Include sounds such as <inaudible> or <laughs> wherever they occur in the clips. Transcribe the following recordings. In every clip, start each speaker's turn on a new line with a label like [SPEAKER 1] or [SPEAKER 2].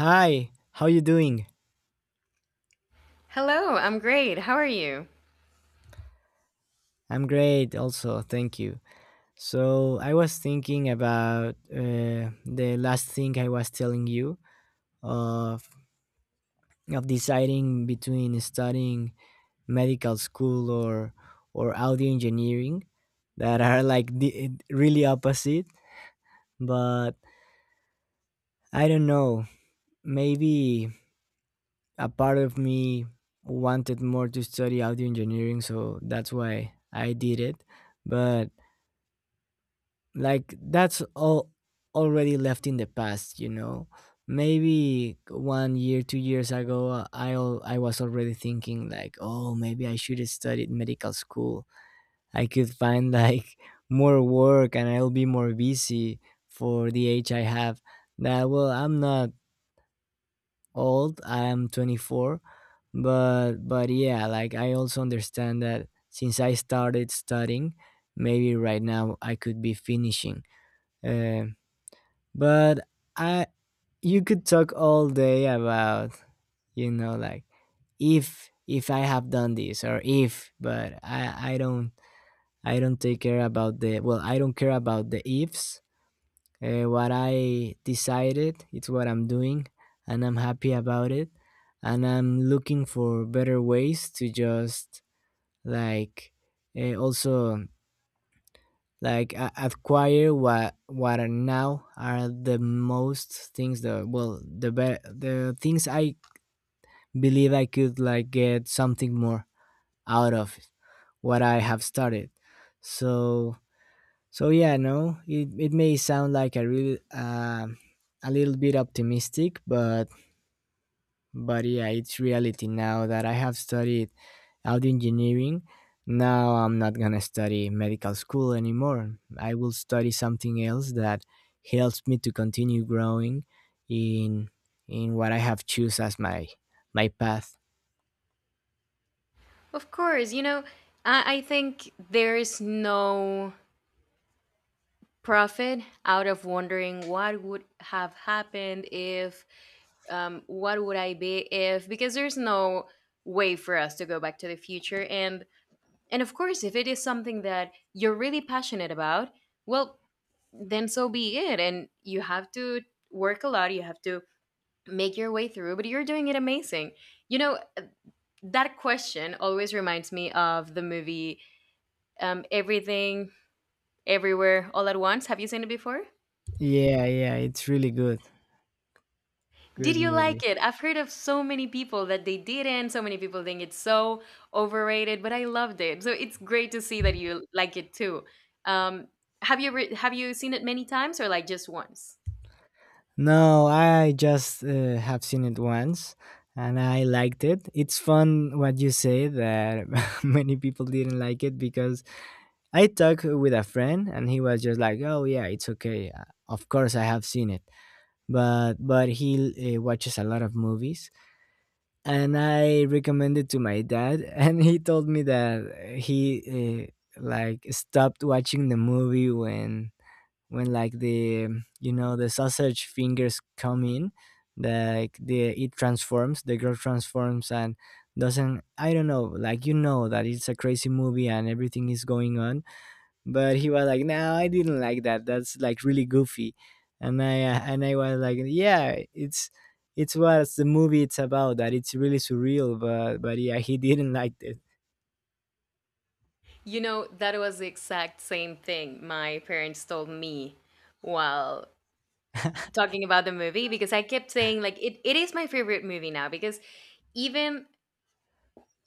[SPEAKER 1] Hi, how you doing?
[SPEAKER 2] Hello, I'm great. How are you?
[SPEAKER 1] I'm great also, thank you. So, I was thinking about the last thing I was telling you of of deciding between studying medical school or audio engineering, that are like the, really opposite, but I don't know. Maybe a part of me wanted more to study audio engineering, so that's why I did it. But like, that's all already left in the past, maybe 1 year, 2 years ago, I was already thinking like, oh, maybe I should have studied medical school. I could find like <laughs> more work, and I'll be more busy for the age I have now. Well, I'm not old, I'm 24, but yeah, like, I also understand that since I started studying, maybe right now I could be finishing, uh, but I, you could talk all day about, like, if I have done this, or if, but I don't take care about the, well, I don't care about the ifs. What I decided, it's what I'm doing, and I'm happy about it, and I'm looking for better ways to just, like, also, like, acquire what are now are the most things that, well, the things I believe I could like get something more out of what I have started. So yeah, no, it may sound like a really, a little bit optimistic, but yeah, it's reality now that I have studied audio engineering. Now I'm not gonna study medical school anymore. I will study something else that helps me to continue growing in in what I have choose as my path.
[SPEAKER 2] Of course, you know, I think there is no profit out of wondering what would have happened if, what would I be if, because there's no way for us to go back to the future. And of course, if it is something that you're really passionate about, well, then so be it. And you have to work a lot. You have to make your way through, but you're doing it amazing. You know, that question always reminds me of the movie Everything, Everywhere, All at Once. Have you seen it before?
[SPEAKER 1] Yeah, yeah, it's really good.
[SPEAKER 2] Did
[SPEAKER 1] Good
[SPEAKER 2] you like
[SPEAKER 1] movie.
[SPEAKER 2] it? I've heard of so many people that they didn't. So many people think it's so overrated, but I loved it. So it's great to see that you like it too. Um, have you have you seen it many times or like just once?
[SPEAKER 1] No, I just have seen it once, and I liked it. It's fun what you say that <laughs> many people didn't like it, because I talked with a friend, and he was just like, "Oh, yeah, it's okay. Of course I have seen it." But he watches a lot of movies, and I recommended to my dad <laughs> and he told me that, he, like, stopped watching the movie when, like, the, you know, the sausage fingers come in, like the, it transforms, the girl transforms and doesn't, I don't know, like, you know, that it's a crazy movie and everything is going on. But he was like, no, I didn't like that, that's like really goofy. And I was like, yeah, it's what the movie it's about, that it's really surreal, but yeah, he <laughs> didn't like it.
[SPEAKER 2] You know, that was the exact same thing my parents told me while talking about the movie because I kept saying like it is my favorite movie now because even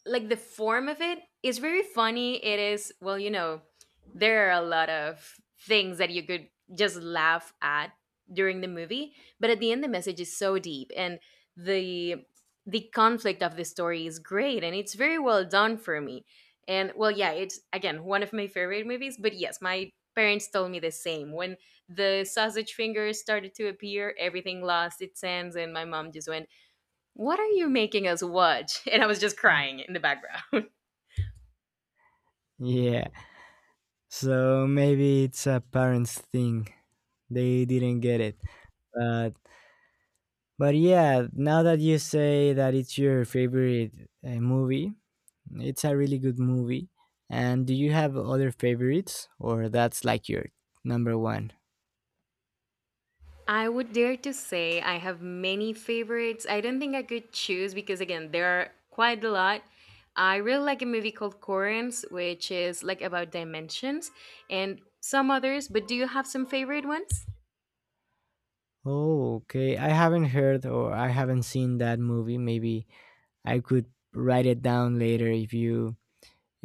[SPEAKER 2] like the form of it is very funny. It is, well, you know, there are a lot of things that you could just laugh at during the movie, but at the end the message is so deep and the the conflict of the story is great and it's very well done for me. And well, yeah, it's again one of my favorite movies, but yes, my parents told me the same. When the sausage fingers started to appear, everything lost its sense and my mom just went, what are you making us watch? <laughs> And I was just crying in the background.
[SPEAKER 1] Yeah, so maybe it's a parents thing, they didn't get it, but but yeah, now that you say that it's your favorite movie, it's a really good movie. And do you have other favorites, or that's like your number one?
[SPEAKER 2] <laughs> I would dare to say I have many favorites. I don't think I could choose because, again, there are quite a lot. I really like a movie called Corinth, which is like about dimensions and some others, but do you have some favorite ones?
[SPEAKER 1] Oh, okay. I haven't heard, or I haven't seen that movie. Maybe I could write it down later if you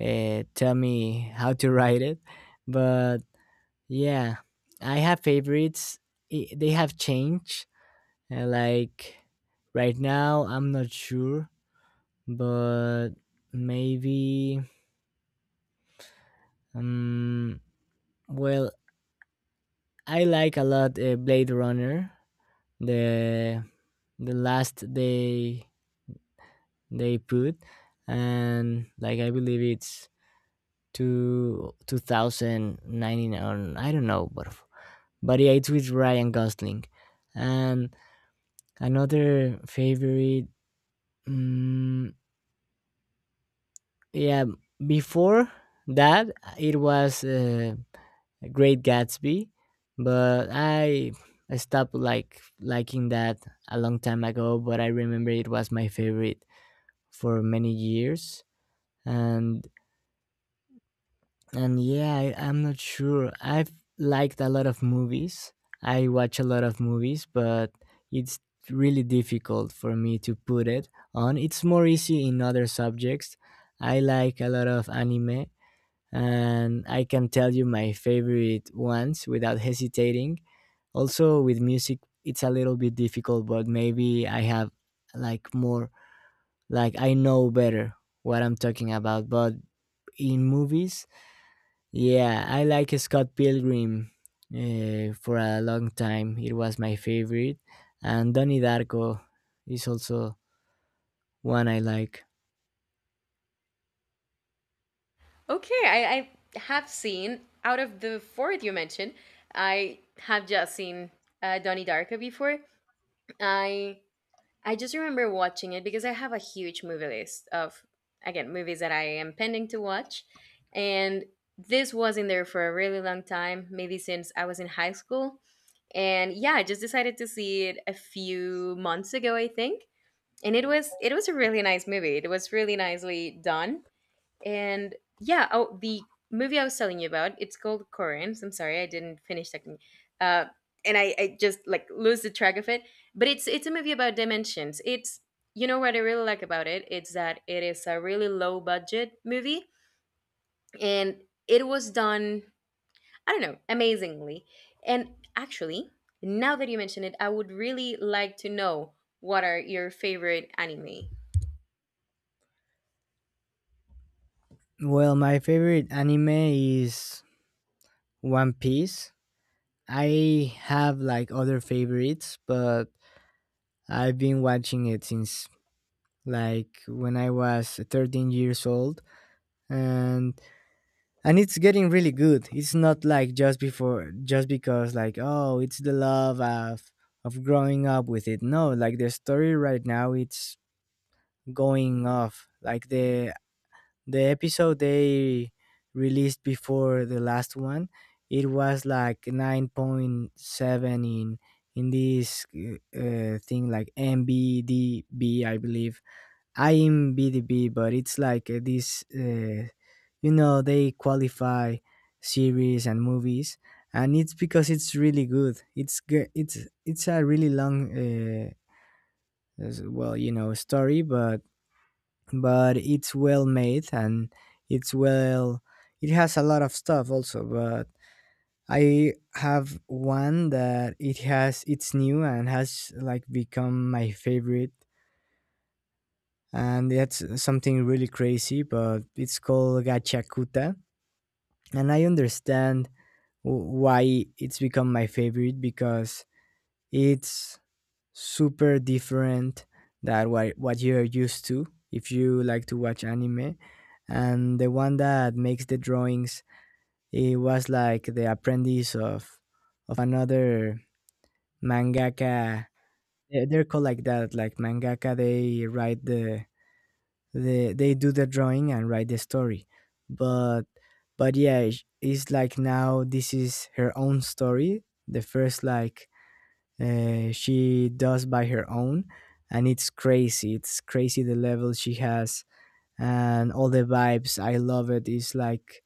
[SPEAKER 1] tell me how to <laughs> write it. But yeah, I have favorites. I, they have changed. Like right now, I'm not sure, but maybe. Um, well, I like a lot Blade Runner. The the last day they put, and like, I believe it's two 2019, or I don't know, but yeah, it's with Ryan Gosling. And another favorite, mm, yeah, before that it was, Great Gatsby. But I stopped like liking that a long time ago, but I remember it was my favorite for many years. And And yeah, I'm not sure. I've liked a lot of movies. I watch a lot of movies, but it's really difficult for me to put it on. It's more easy in other subjects. I like a lot of anime, and I can tell you my favorite ones without hesitating. Also, with music, it's a little bit difficult, but maybe I have like more, like, I know better what I'm talking about. But in movies, yeah, I like Scott Pilgrim for a long time. It was my favorite. And Donnie Darko is also one I like.
[SPEAKER 2] Okay, I have seen, out of the four that you mentioned, I have just seen Donnie Darko before. I I just remember watching it because I have a huge movie list of, again, movies that I am pending to watch. And this was in there for a really long time, maybe since I was in high school. And yeah, I just decided to see it a few months ago, I think. And it was a really nice movie. It was really nicely done. And yeah, oh, the movie I was telling you about, it's called Corinth. I'm sorry, I didn't finish talking. Uh, and I just like lose the track of it. But it's a movie about dimensions. It's, you know what I really like about it? It's that it is a really low budget movie and it was done, I don't know, amazingly. And actually, now that you mention it, I would really like to know what are your favorite anime.
[SPEAKER 1] Well, my favorite anime is One Piece. I have like other favorites, but I've been watching it since like when I was 13 years old. And and it's getting really good. It's not like just before, just because like, oh, it's the love of growing up with it. No, like, the story right now, it's going off, like, the episode they released before the last one, it was like 9.7 in this, thing like MBDB, I believe. I'm BDB, but it's like, this, you know, they qualify series and movies, and it's because it's really good. It's g- it's a really long, well, you know, story, but it's well made, and it's well. It has a lot of stuff also, but I have one that it has. It's new and has like become my favorite, and that's something really crazy, but it's called Gachakuta. And I understand why it's become my favorite, because it's super different than what you're used to if you like to watch anime. And the one that makes the drawings, it was like the apprentice of another mangaka. They're called like that, like, mangaka, they write the, they do the drawing and write the story. But but yeah, it's like, now, this is her own story, the first like, she does by her own. And it's crazy, it's crazy the level she has, and all the vibes, I love it. It's like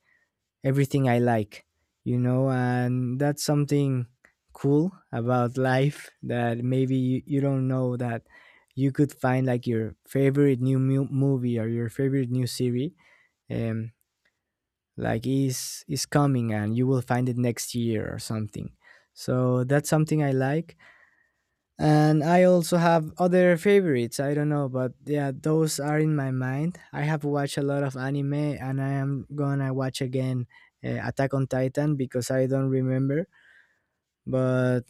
[SPEAKER 1] everything I like, you know. And that's something cool about life <laughs> that maybe, you don't know, that you could find like your favorite new movie, or your favorite new series, um like, is coming, and you will find it next year or something, so that's something I like. And I also have other favorites. I don't know, but yeah, those are in my mind. I have watched a lot of anime, and I am gonna watch again, Attack on Titan, because I don't remember. But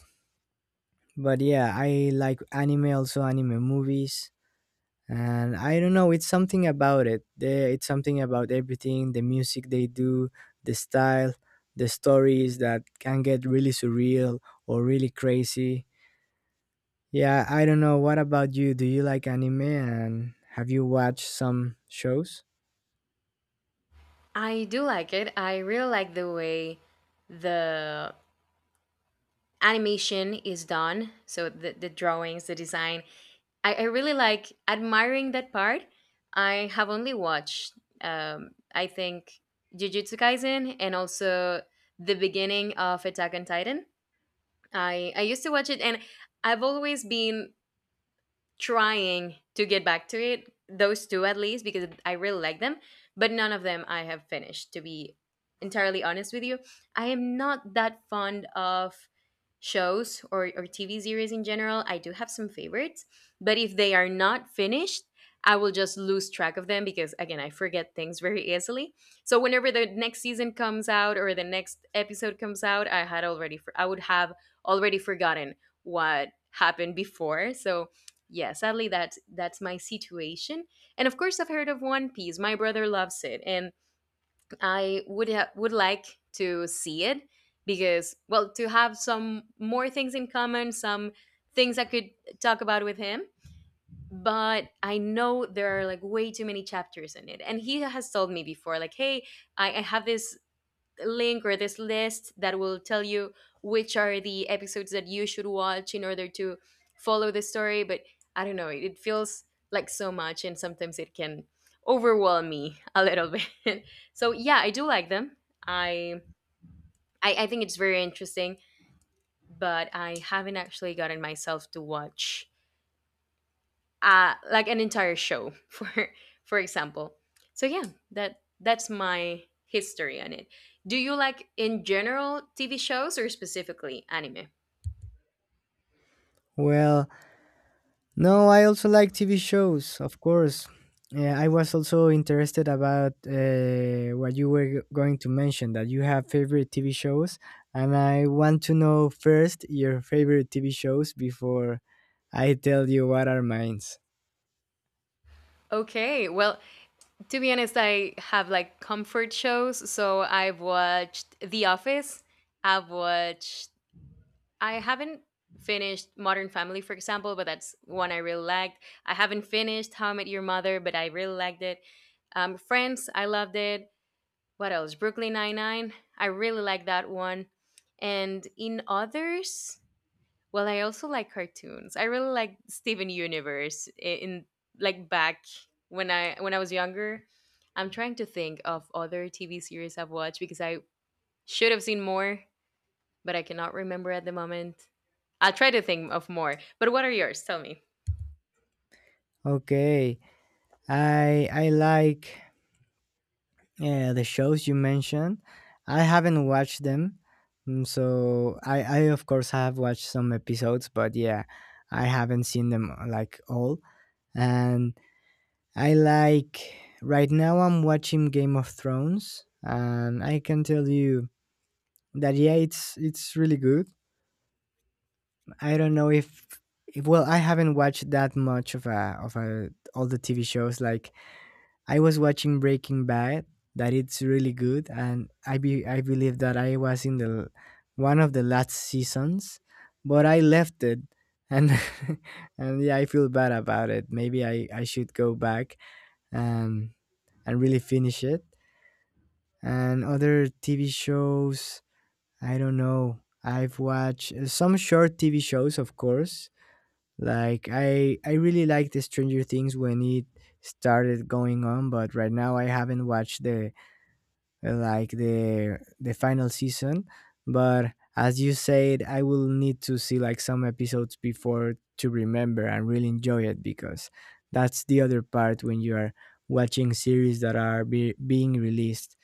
[SPEAKER 1] but yeah, I like anime, also anime movies. And I don't know, it's something about it. It's something about everything: the music they do, the style, the stories that can get really surreal or really crazy. Yeah, I don't know. What about you? Do you like anime, and have you watched some shows?
[SPEAKER 2] I do like it. I really like the way the animation is done, so the drawings, the design. I really like admiring that part. I have only watched, um, I think Jujutsu Kaisen and also the beginning of Attack on Titan. I used to watch it, and I've always been trying to get back to it. Those two, at least, because I really like them, but none of them I have finished, to be entirely honest with you. I am not that fond of shows or TV series in general. I do have some favorites, but if they are not finished, I will just lose track of them because, again, I forget things very easily. So whenever the next season comes out or the next episode comes out, I had I would have already forgotten what happened before. So yeah, sadly, that's my situation. And of course, I've heard of One Piece. My brother loves it, and I would would like to see it because, well, to have some more things in common, some things I could talk about with him. But I know there are like way too many chapters in it, and he has told me before like, hey, I have this link or this list that will tell you which are the episodes that you should watch in order to follow the story. But I don't know, it feels like so much, and sometimes it can overwhelm me a little <laughs> bit. So yeah, I do like them. I I think it's very interesting, but I haven't actually gotten myself to watch like an entire show <laughs> for example. So yeah, that's my history on it. Do you like in general TV shows or specifically anime?
[SPEAKER 1] Well, no, I also like TV shows, of course. Yeah, I was also interested about, what you were going to mention, that you have favorite TV shows, and I want to know first your favorite TV shows before I tell you what are mine.
[SPEAKER 2] Okay, well, to be honest, I have like comfort shows, so I've watched The Office. I've watched, I haven't finished Modern Family, for example, but that's one I really liked. I haven't finished How I Met Your Mother, but I really liked it. Friends, I loved it. What else? Brooklyn Nine Nine. I really like that one. And in others, well, I also like cartoons. I really like Steven Universe, in like back when I was younger. I'm trying to think of other TV series I've watched because I should have seen more, but I cannot remember at the moment. I'll try to think of more. But what are yours? Tell me.
[SPEAKER 1] Okay, I like. Yeah, the shows you mentioned, I haven't watched them. So, I of course have watched some episodes, but yeah, I haven't seen them like, all. And I like, right now I'm watching Game of Thrones, and I can tell you that yeah, it's really good. I don't know if, well, I haven't watched that much of a all the TV shows, like, I was watching Breaking Bad, that it's really good, and I believe that I was in the one of the last seasons, but I left it, and <laughs> and yeah, I feel bad about it. Maybe I should go back and and really finish it. And other TV shows, I don't know. I've watched some short TV shows, of course, like, I really liked the Stranger Things when it started going on, but right now I haven't watched the, like, the final season. But as you said, I will need to see like some episodes before to remember and really enjoy it, because that's the other part, when you are watching series that are being released.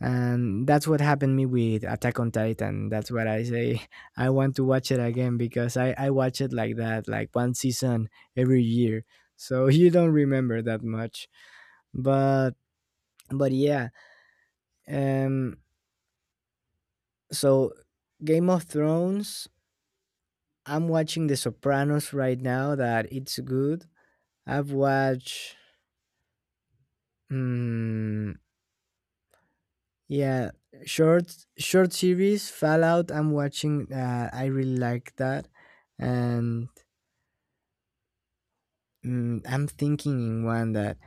[SPEAKER 1] And that's what happened me with Attack on Titan, that's what I say, <laughs> I want to watch it again, because I watch it like that, like, one season every year, so <laughs> you don't remember that much. But but yeah, um so, Game of Thrones. I'm watching The Sopranos right now, that it's good. I've watched, mm, yeah, short series, Fallout, I'm watching, I really like that. And, I'm thinking in one that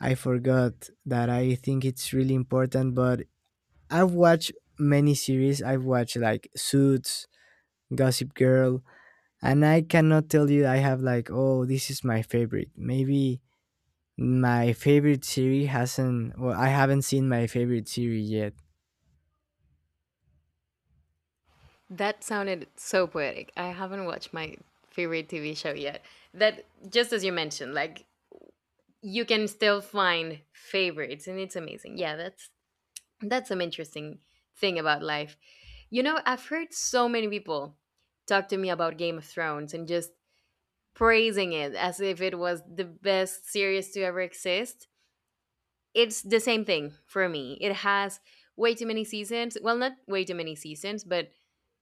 [SPEAKER 1] I forgot, that I think it's really important, but I've watched many series. I've watched like Suits, Gossip Girl, and I cannot tell you I have like, oh, this is my favorite. Maybe my favorite series hasn't, well, I haven't seen my favorite series yet.
[SPEAKER 2] That sounded so poetic. I haven't watched my favorite TV show yet. That, just as you mentioned, like you can still find favorites and it's amazing. Yeah, that's some interesting thing about life. You know, I've heard so many people talk to me about Game of Thrones and just praising it as if it was the best series to ever exist. It's the same thing for me. It has way too many seasons, well, not way too many seasons, but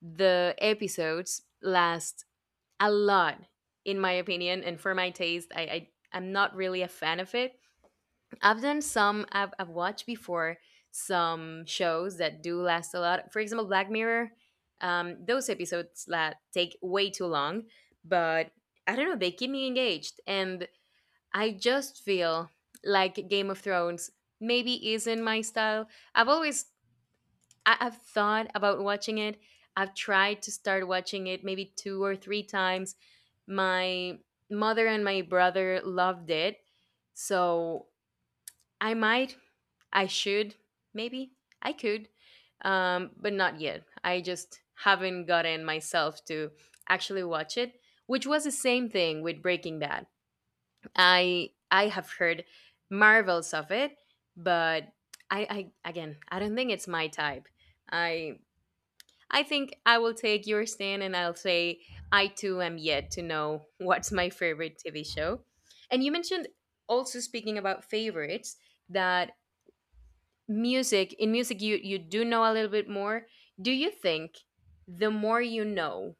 [SPEAKER 2] the episodes last a lot, in my opinion, and for my taste. I'm not really a fan of it. I've watched before some shows that do last a lot. For example, Black Mirror. Those episodes that take way too long, but I don't know, they keep me engaged. And I just feel like Game of Thrones maybe isn't my style. I've always, I've thought about watching it. I've tried to start watching it maybe two or three times. My mother and my brother loved it. So I might, I should, maybe, I could, but not yet. I just haven't gotten myself to actually watch it, which was the same thing with Breaking Bad. I have heard marvels of it, but I again I don't think it's my type. I I think I will take your stand and I'll say I too am yet to know <laughs> what's my favorite TV show. And you mentioned, also speaking about favorites, that music, in music, you do know a little bit more. Do you think the more you know,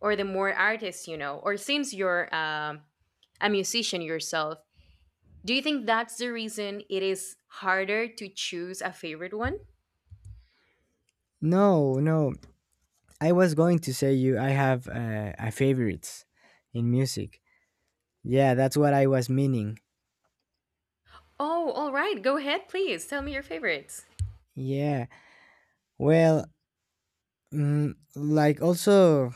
[SPEAKER 2] or the more artists you know, or since you're a musician yourself, do you think that's the reason it is harder to choose a favorite one?
[SPEAKER 1] No, no, I was going to say you, I have a favorites in music. Yeah, that's what I was meaning.
[SPEAKER 2] Oh, all right. Go ahead, please. Tell me your favorites.
[SPEAKER 1] Yeah. Well, like also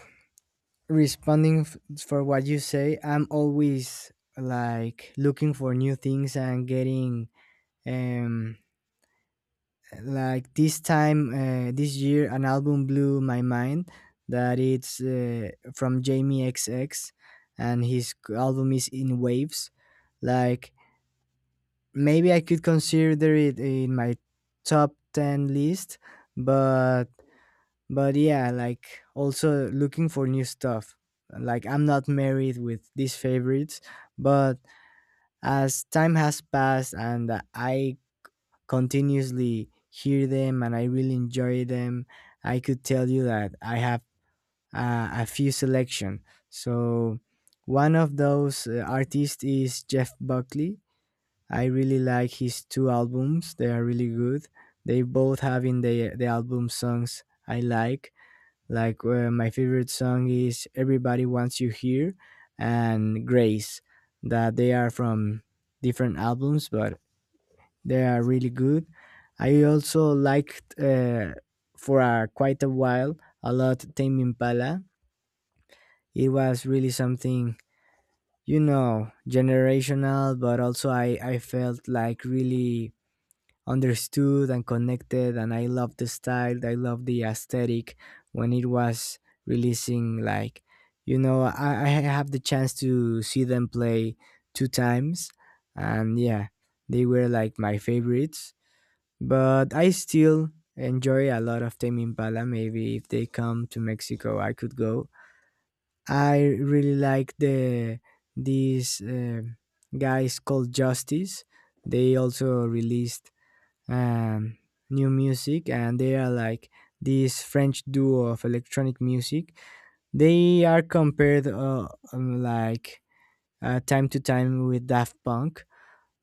[SPEAKER 1] responding for what you say I'm always like looking for new things and getting um like this time this year an album blew my mind that it's from Jamie xx, and his album is In Waves. Like, maybe I could consider it in my top 10 list, but yeah, like, also looking for new stuff. Like, I'm not married with these favorites, but as time has passed and I continuously hear them and I really enjoy them, I could tell you that I have a few selection. So one of those artists is Jeff Buckley. I really like his two albums, they are really good. They both have in the album songs I like. Like, my favorite song is "Everybody Wants You Here" and "Grace," that they are from different albums, but they are really good. I also liked, for a quite a while a lot, Tame Impala. It was really something, you know, generational, but also I felt like really understood and connected, and I love the style, I love the aesthetic when it was releasing. Like, I have the chance to see them play two times, and yeah, they were like my favorites, but I still enjoy a lot of Tame Impala. Maybe if they come to Mexico I could go. I really like these guys called Justice. They also released um, new music, and they are like this French duo of electronic music. They are compared, like, time to time, with Daft Punk,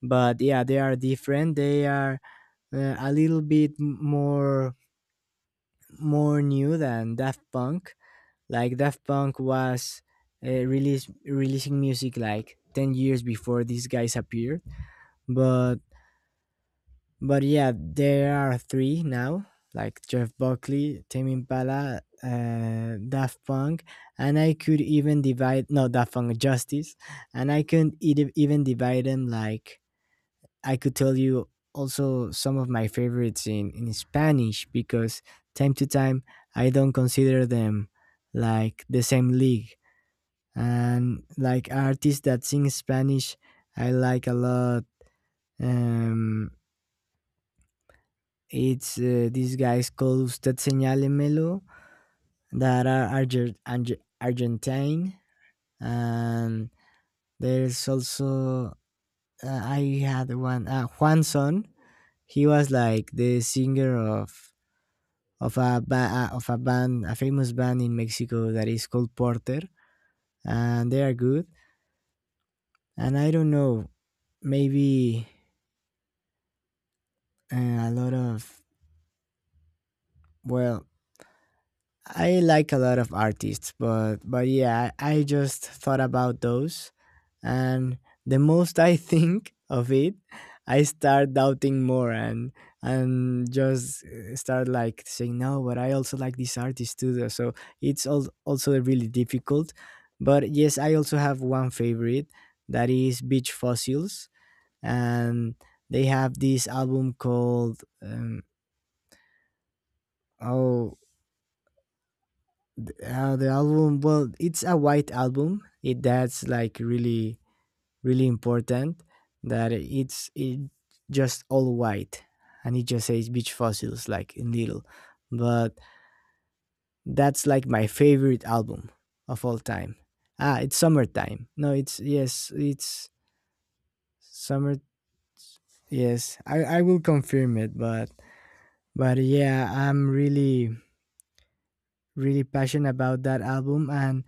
[SPEAKER 1] but yeah, they are different. They are a little bit more more new than Daft Punk. Like, Daft Punk was, releasing music like 10 years before these guys appeared, but yeah, there are three now, like Jeff Buckley, Tame Impala, Daft Punk, and I could even divide, no, Daft Punk, Justice, and I could even divide them. Like, I could tell you also some of my favorites in Spanish, because time to time I don't consider them like the same league. And like, artists that sing Spanish, I like a lot. Um, It's, these guys called Usted Señale Melo, that are Argentine. And there's also, I had one, Juan Son. He was like the singer of a ba- of a band, a famous band in Mexico that is called Porter, and they are good. And I don't know, maybe, a lot of, well, I like a lot of artists, but yeah, I just thought about those, and the most I think of it, I start doubting more, and just, start like saying, "No, but I also like this artist too." So it's also really difficult, but yes, I also have one favorite that is Beach Fossils. And they have this album called, oh, the album, well, it's a white album, it, that's like really really important, that it's it just all white, and it just says Beach Fossils, like, in little. But that's like my favorite album of all time. Ah, it's Summertime. No, it's, yes, it's Summer, yes. I will confirm it, but yeah, I'm really really passionate about that album. And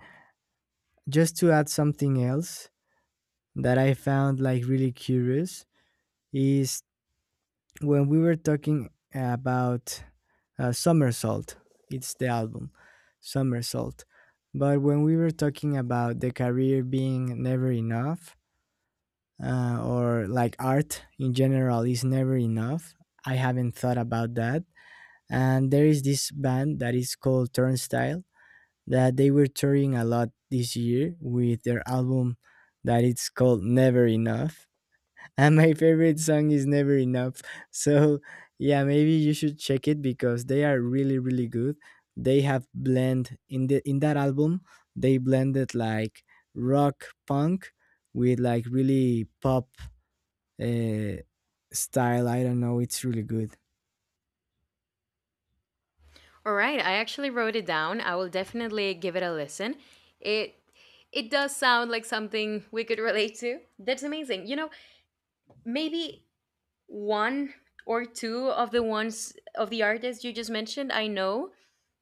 [SPEAKER 1] just to add something else that I found like really curious, is when we were talking about, Somersault, it's the album, Somersault. But when we were talking about the career being never enough, or like art in general is never enough, I haven't thought about that. And there is this band that is called Turnstile, that they were touring a lot this year with their album, that it's called Never Enough, and my favorite song is Never Enough. So yeah, maybe you should check it, because they are really really good. They have blend in the in that album, they blended like rock punk with like really pop uh, style, I don't know, it's really good.
[SPEAKER 2] All right, I actually wrote it down. I will definitely give it a listen. It it does sound like something we could relate to. That's amazing. You know, maybe one or two of the ones of the artists you just mentioned, I know,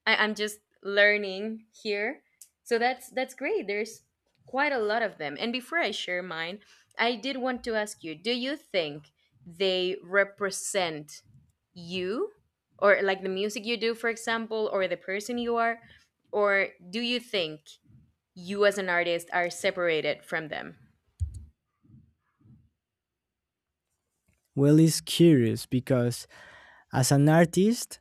[SPEAKER 2] I'm just learning here, so that's great. There's quite a lot of them, and before I share mine, I did want to ask you, do you think they represent you, or like the music you do, for example, or the person you are, or do you think you as an artist are separated from them?
[SPEAKER 1] Well, it's curious because as an artist,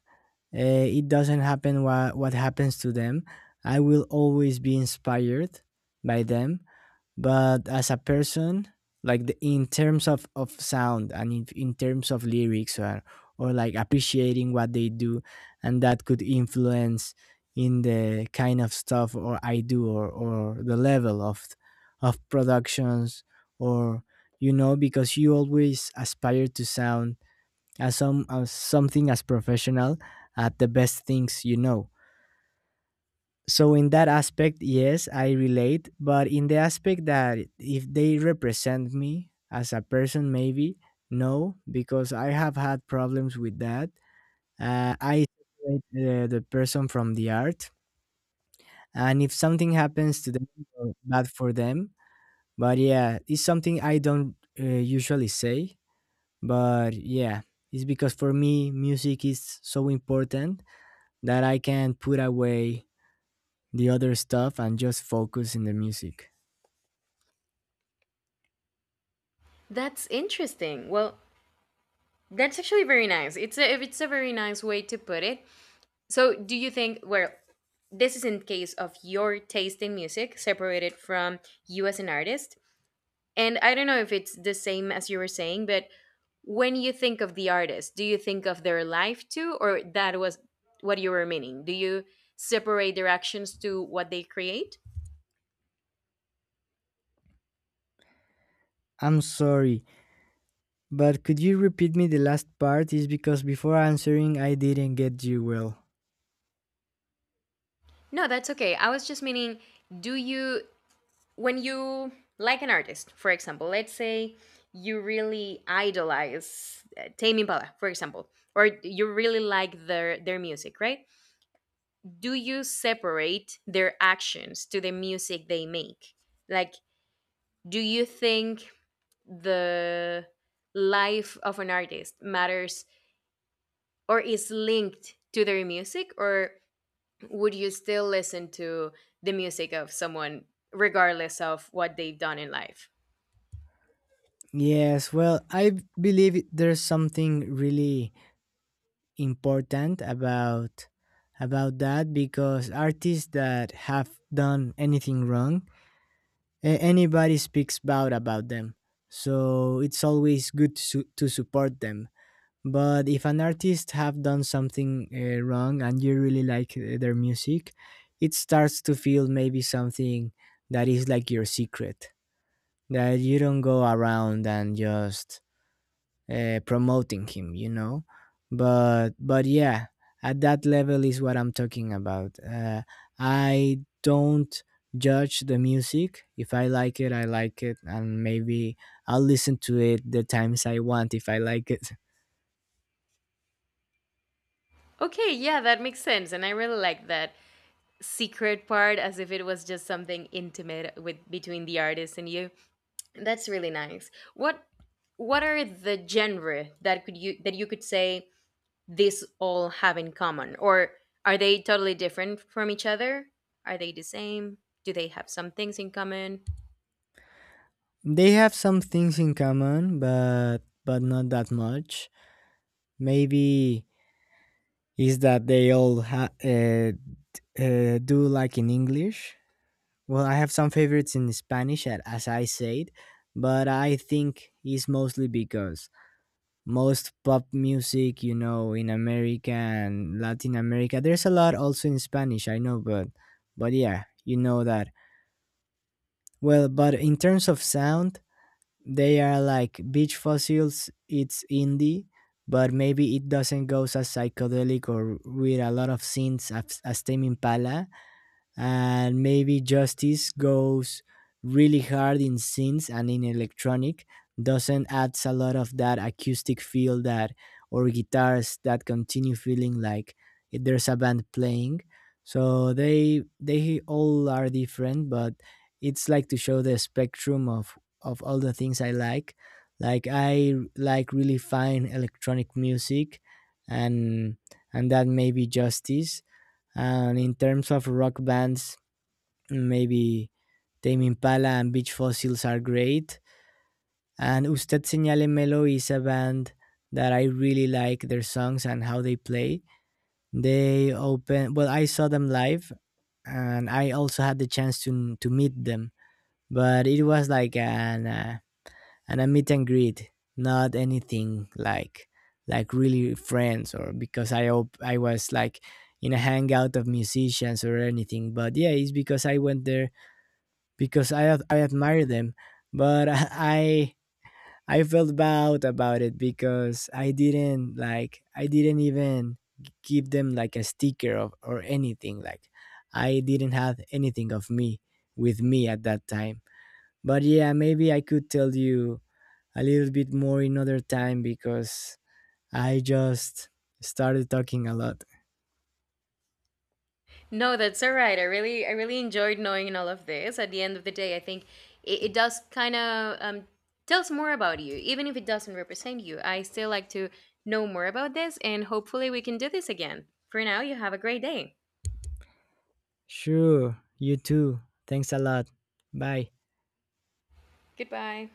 [SPEAKER 1] it doesn't happen what, happens to them. I will always be inspired by them. But as a person, like in terms of sound, and in terms of lyrics, or like appreciating what they do, and that could influence in the kind of stuff or I do, or the level of productions, or, you know, because you always aspire to sound as something as professional at the best things. So in that aspect, yes, I relate, but in the aspect that if they represent me as a person, maybe no, because I have had problems with that. I separate, the person from the art, and if something happens to them, bad for them. But yeah, it's something I don't, usually say, but yeah, it's because for me, music is so important that I can put away the other stuff and just focus in the music.
[SPEAKER 2] That's interesting. Well, that's actually very nice. It's a very nice way to put it. So, do you think, well, this is in case of your taste in music separated from you as an artist? And I don't know if it's the same as you were saying, but when you think of the artist, do you think of their life too, or that was what you were meaning? Do you separate their actions to what they create?
[SPEAKER 1] I'm sorry, but could you repeat me the last part? Is because before answering, I didn't get you well.
[SPEAKER 2] No, that's okay. I was just meaning, do you, when you like an artist, for example, let's say you really idolize Tame Impala, for example, or you really like their music, right? Do you separate their actions to the music they make? Like, do you think the life of an artist matters or is linked to their music, or would you still listen to the music of someone regardless of what they've done in life?
[SPEAKER 1] Yes, well, I believe there's something really important about that, because artists that have done anything wrong, anybody speaks bad about them. So it's always good to, to support them. But if an artist have done something, wrong, and you really like, their music, it starts to feel maybe something that is like your secret, that you don't go around and just, promoting him. But yeah, at that level is what I'm talking about. I don't judge the music. If I like it, I like it, and maybe I'll listen to it the times I want, if I like it.
[SPEAKER 2] Okay, yeah, that makes sense. And I really like that secret part, as if it was just something intimate with between the artist and you. That's really nice. What are the genre that could you that you could say this all have in common, or are they totally different from each other? Are they the same? Do they have some things in common?
[SPEAKER 1] They have some things in common, but not that much. Maybe is that they all do like in English. Well, I have some favorites in Spanish, as I said, but I think it's mostly because most pop music, in America and Latin America, there's a lot also in Spanish. I know, but yeah, you know that. Well, but in terms of sound, they are like Beach Fossils. It's indie, but maybe it doesn't go as psychedelic or with a lot of synths as, Tame Impala. And maybe Justice goes really hard in synths and in electronic, doesn't adds a lot of that acoustic feel that, or guitars that continue feeling like there's a band playing. So they all are different, but it's like to show the spectrum of all the things I like. Like, I like really fine electronic music, and and that may be Justice. And in terms of rock bands, maybe Tame Impala and Beach Fossils are great. And Usted Señale Melo is a band that I really like their songs and how they play. They open, well, I saw them live, and I also had the chance to, meet them, but it was like an, a meet and greet, not anything like really friends, or because I I was like in a hangout of musicians or anything. But yeah, it's because I went there because I I admire them, but <laughs> I felt bad about it because I didn't like, I didn't even give them, like, a sticker of, or anything, like, I didn't have anything of me with me at that time. But yeah, maybe I could tell you a little bit more another time, because I just started talking a lot.
[SPEAKER 2] No, that's all right. I really enjoyed knowing all of this. At the end of the day, I think it does kind of tells more about you, even if it doesn't represent you. I still like to know more about this, and hopefully, we can do this again. For now, you have a great day.
[SPEAKER 1] Sure, you too. Thanks a lot. Bye.
[SPEAKER 2] Goodbye.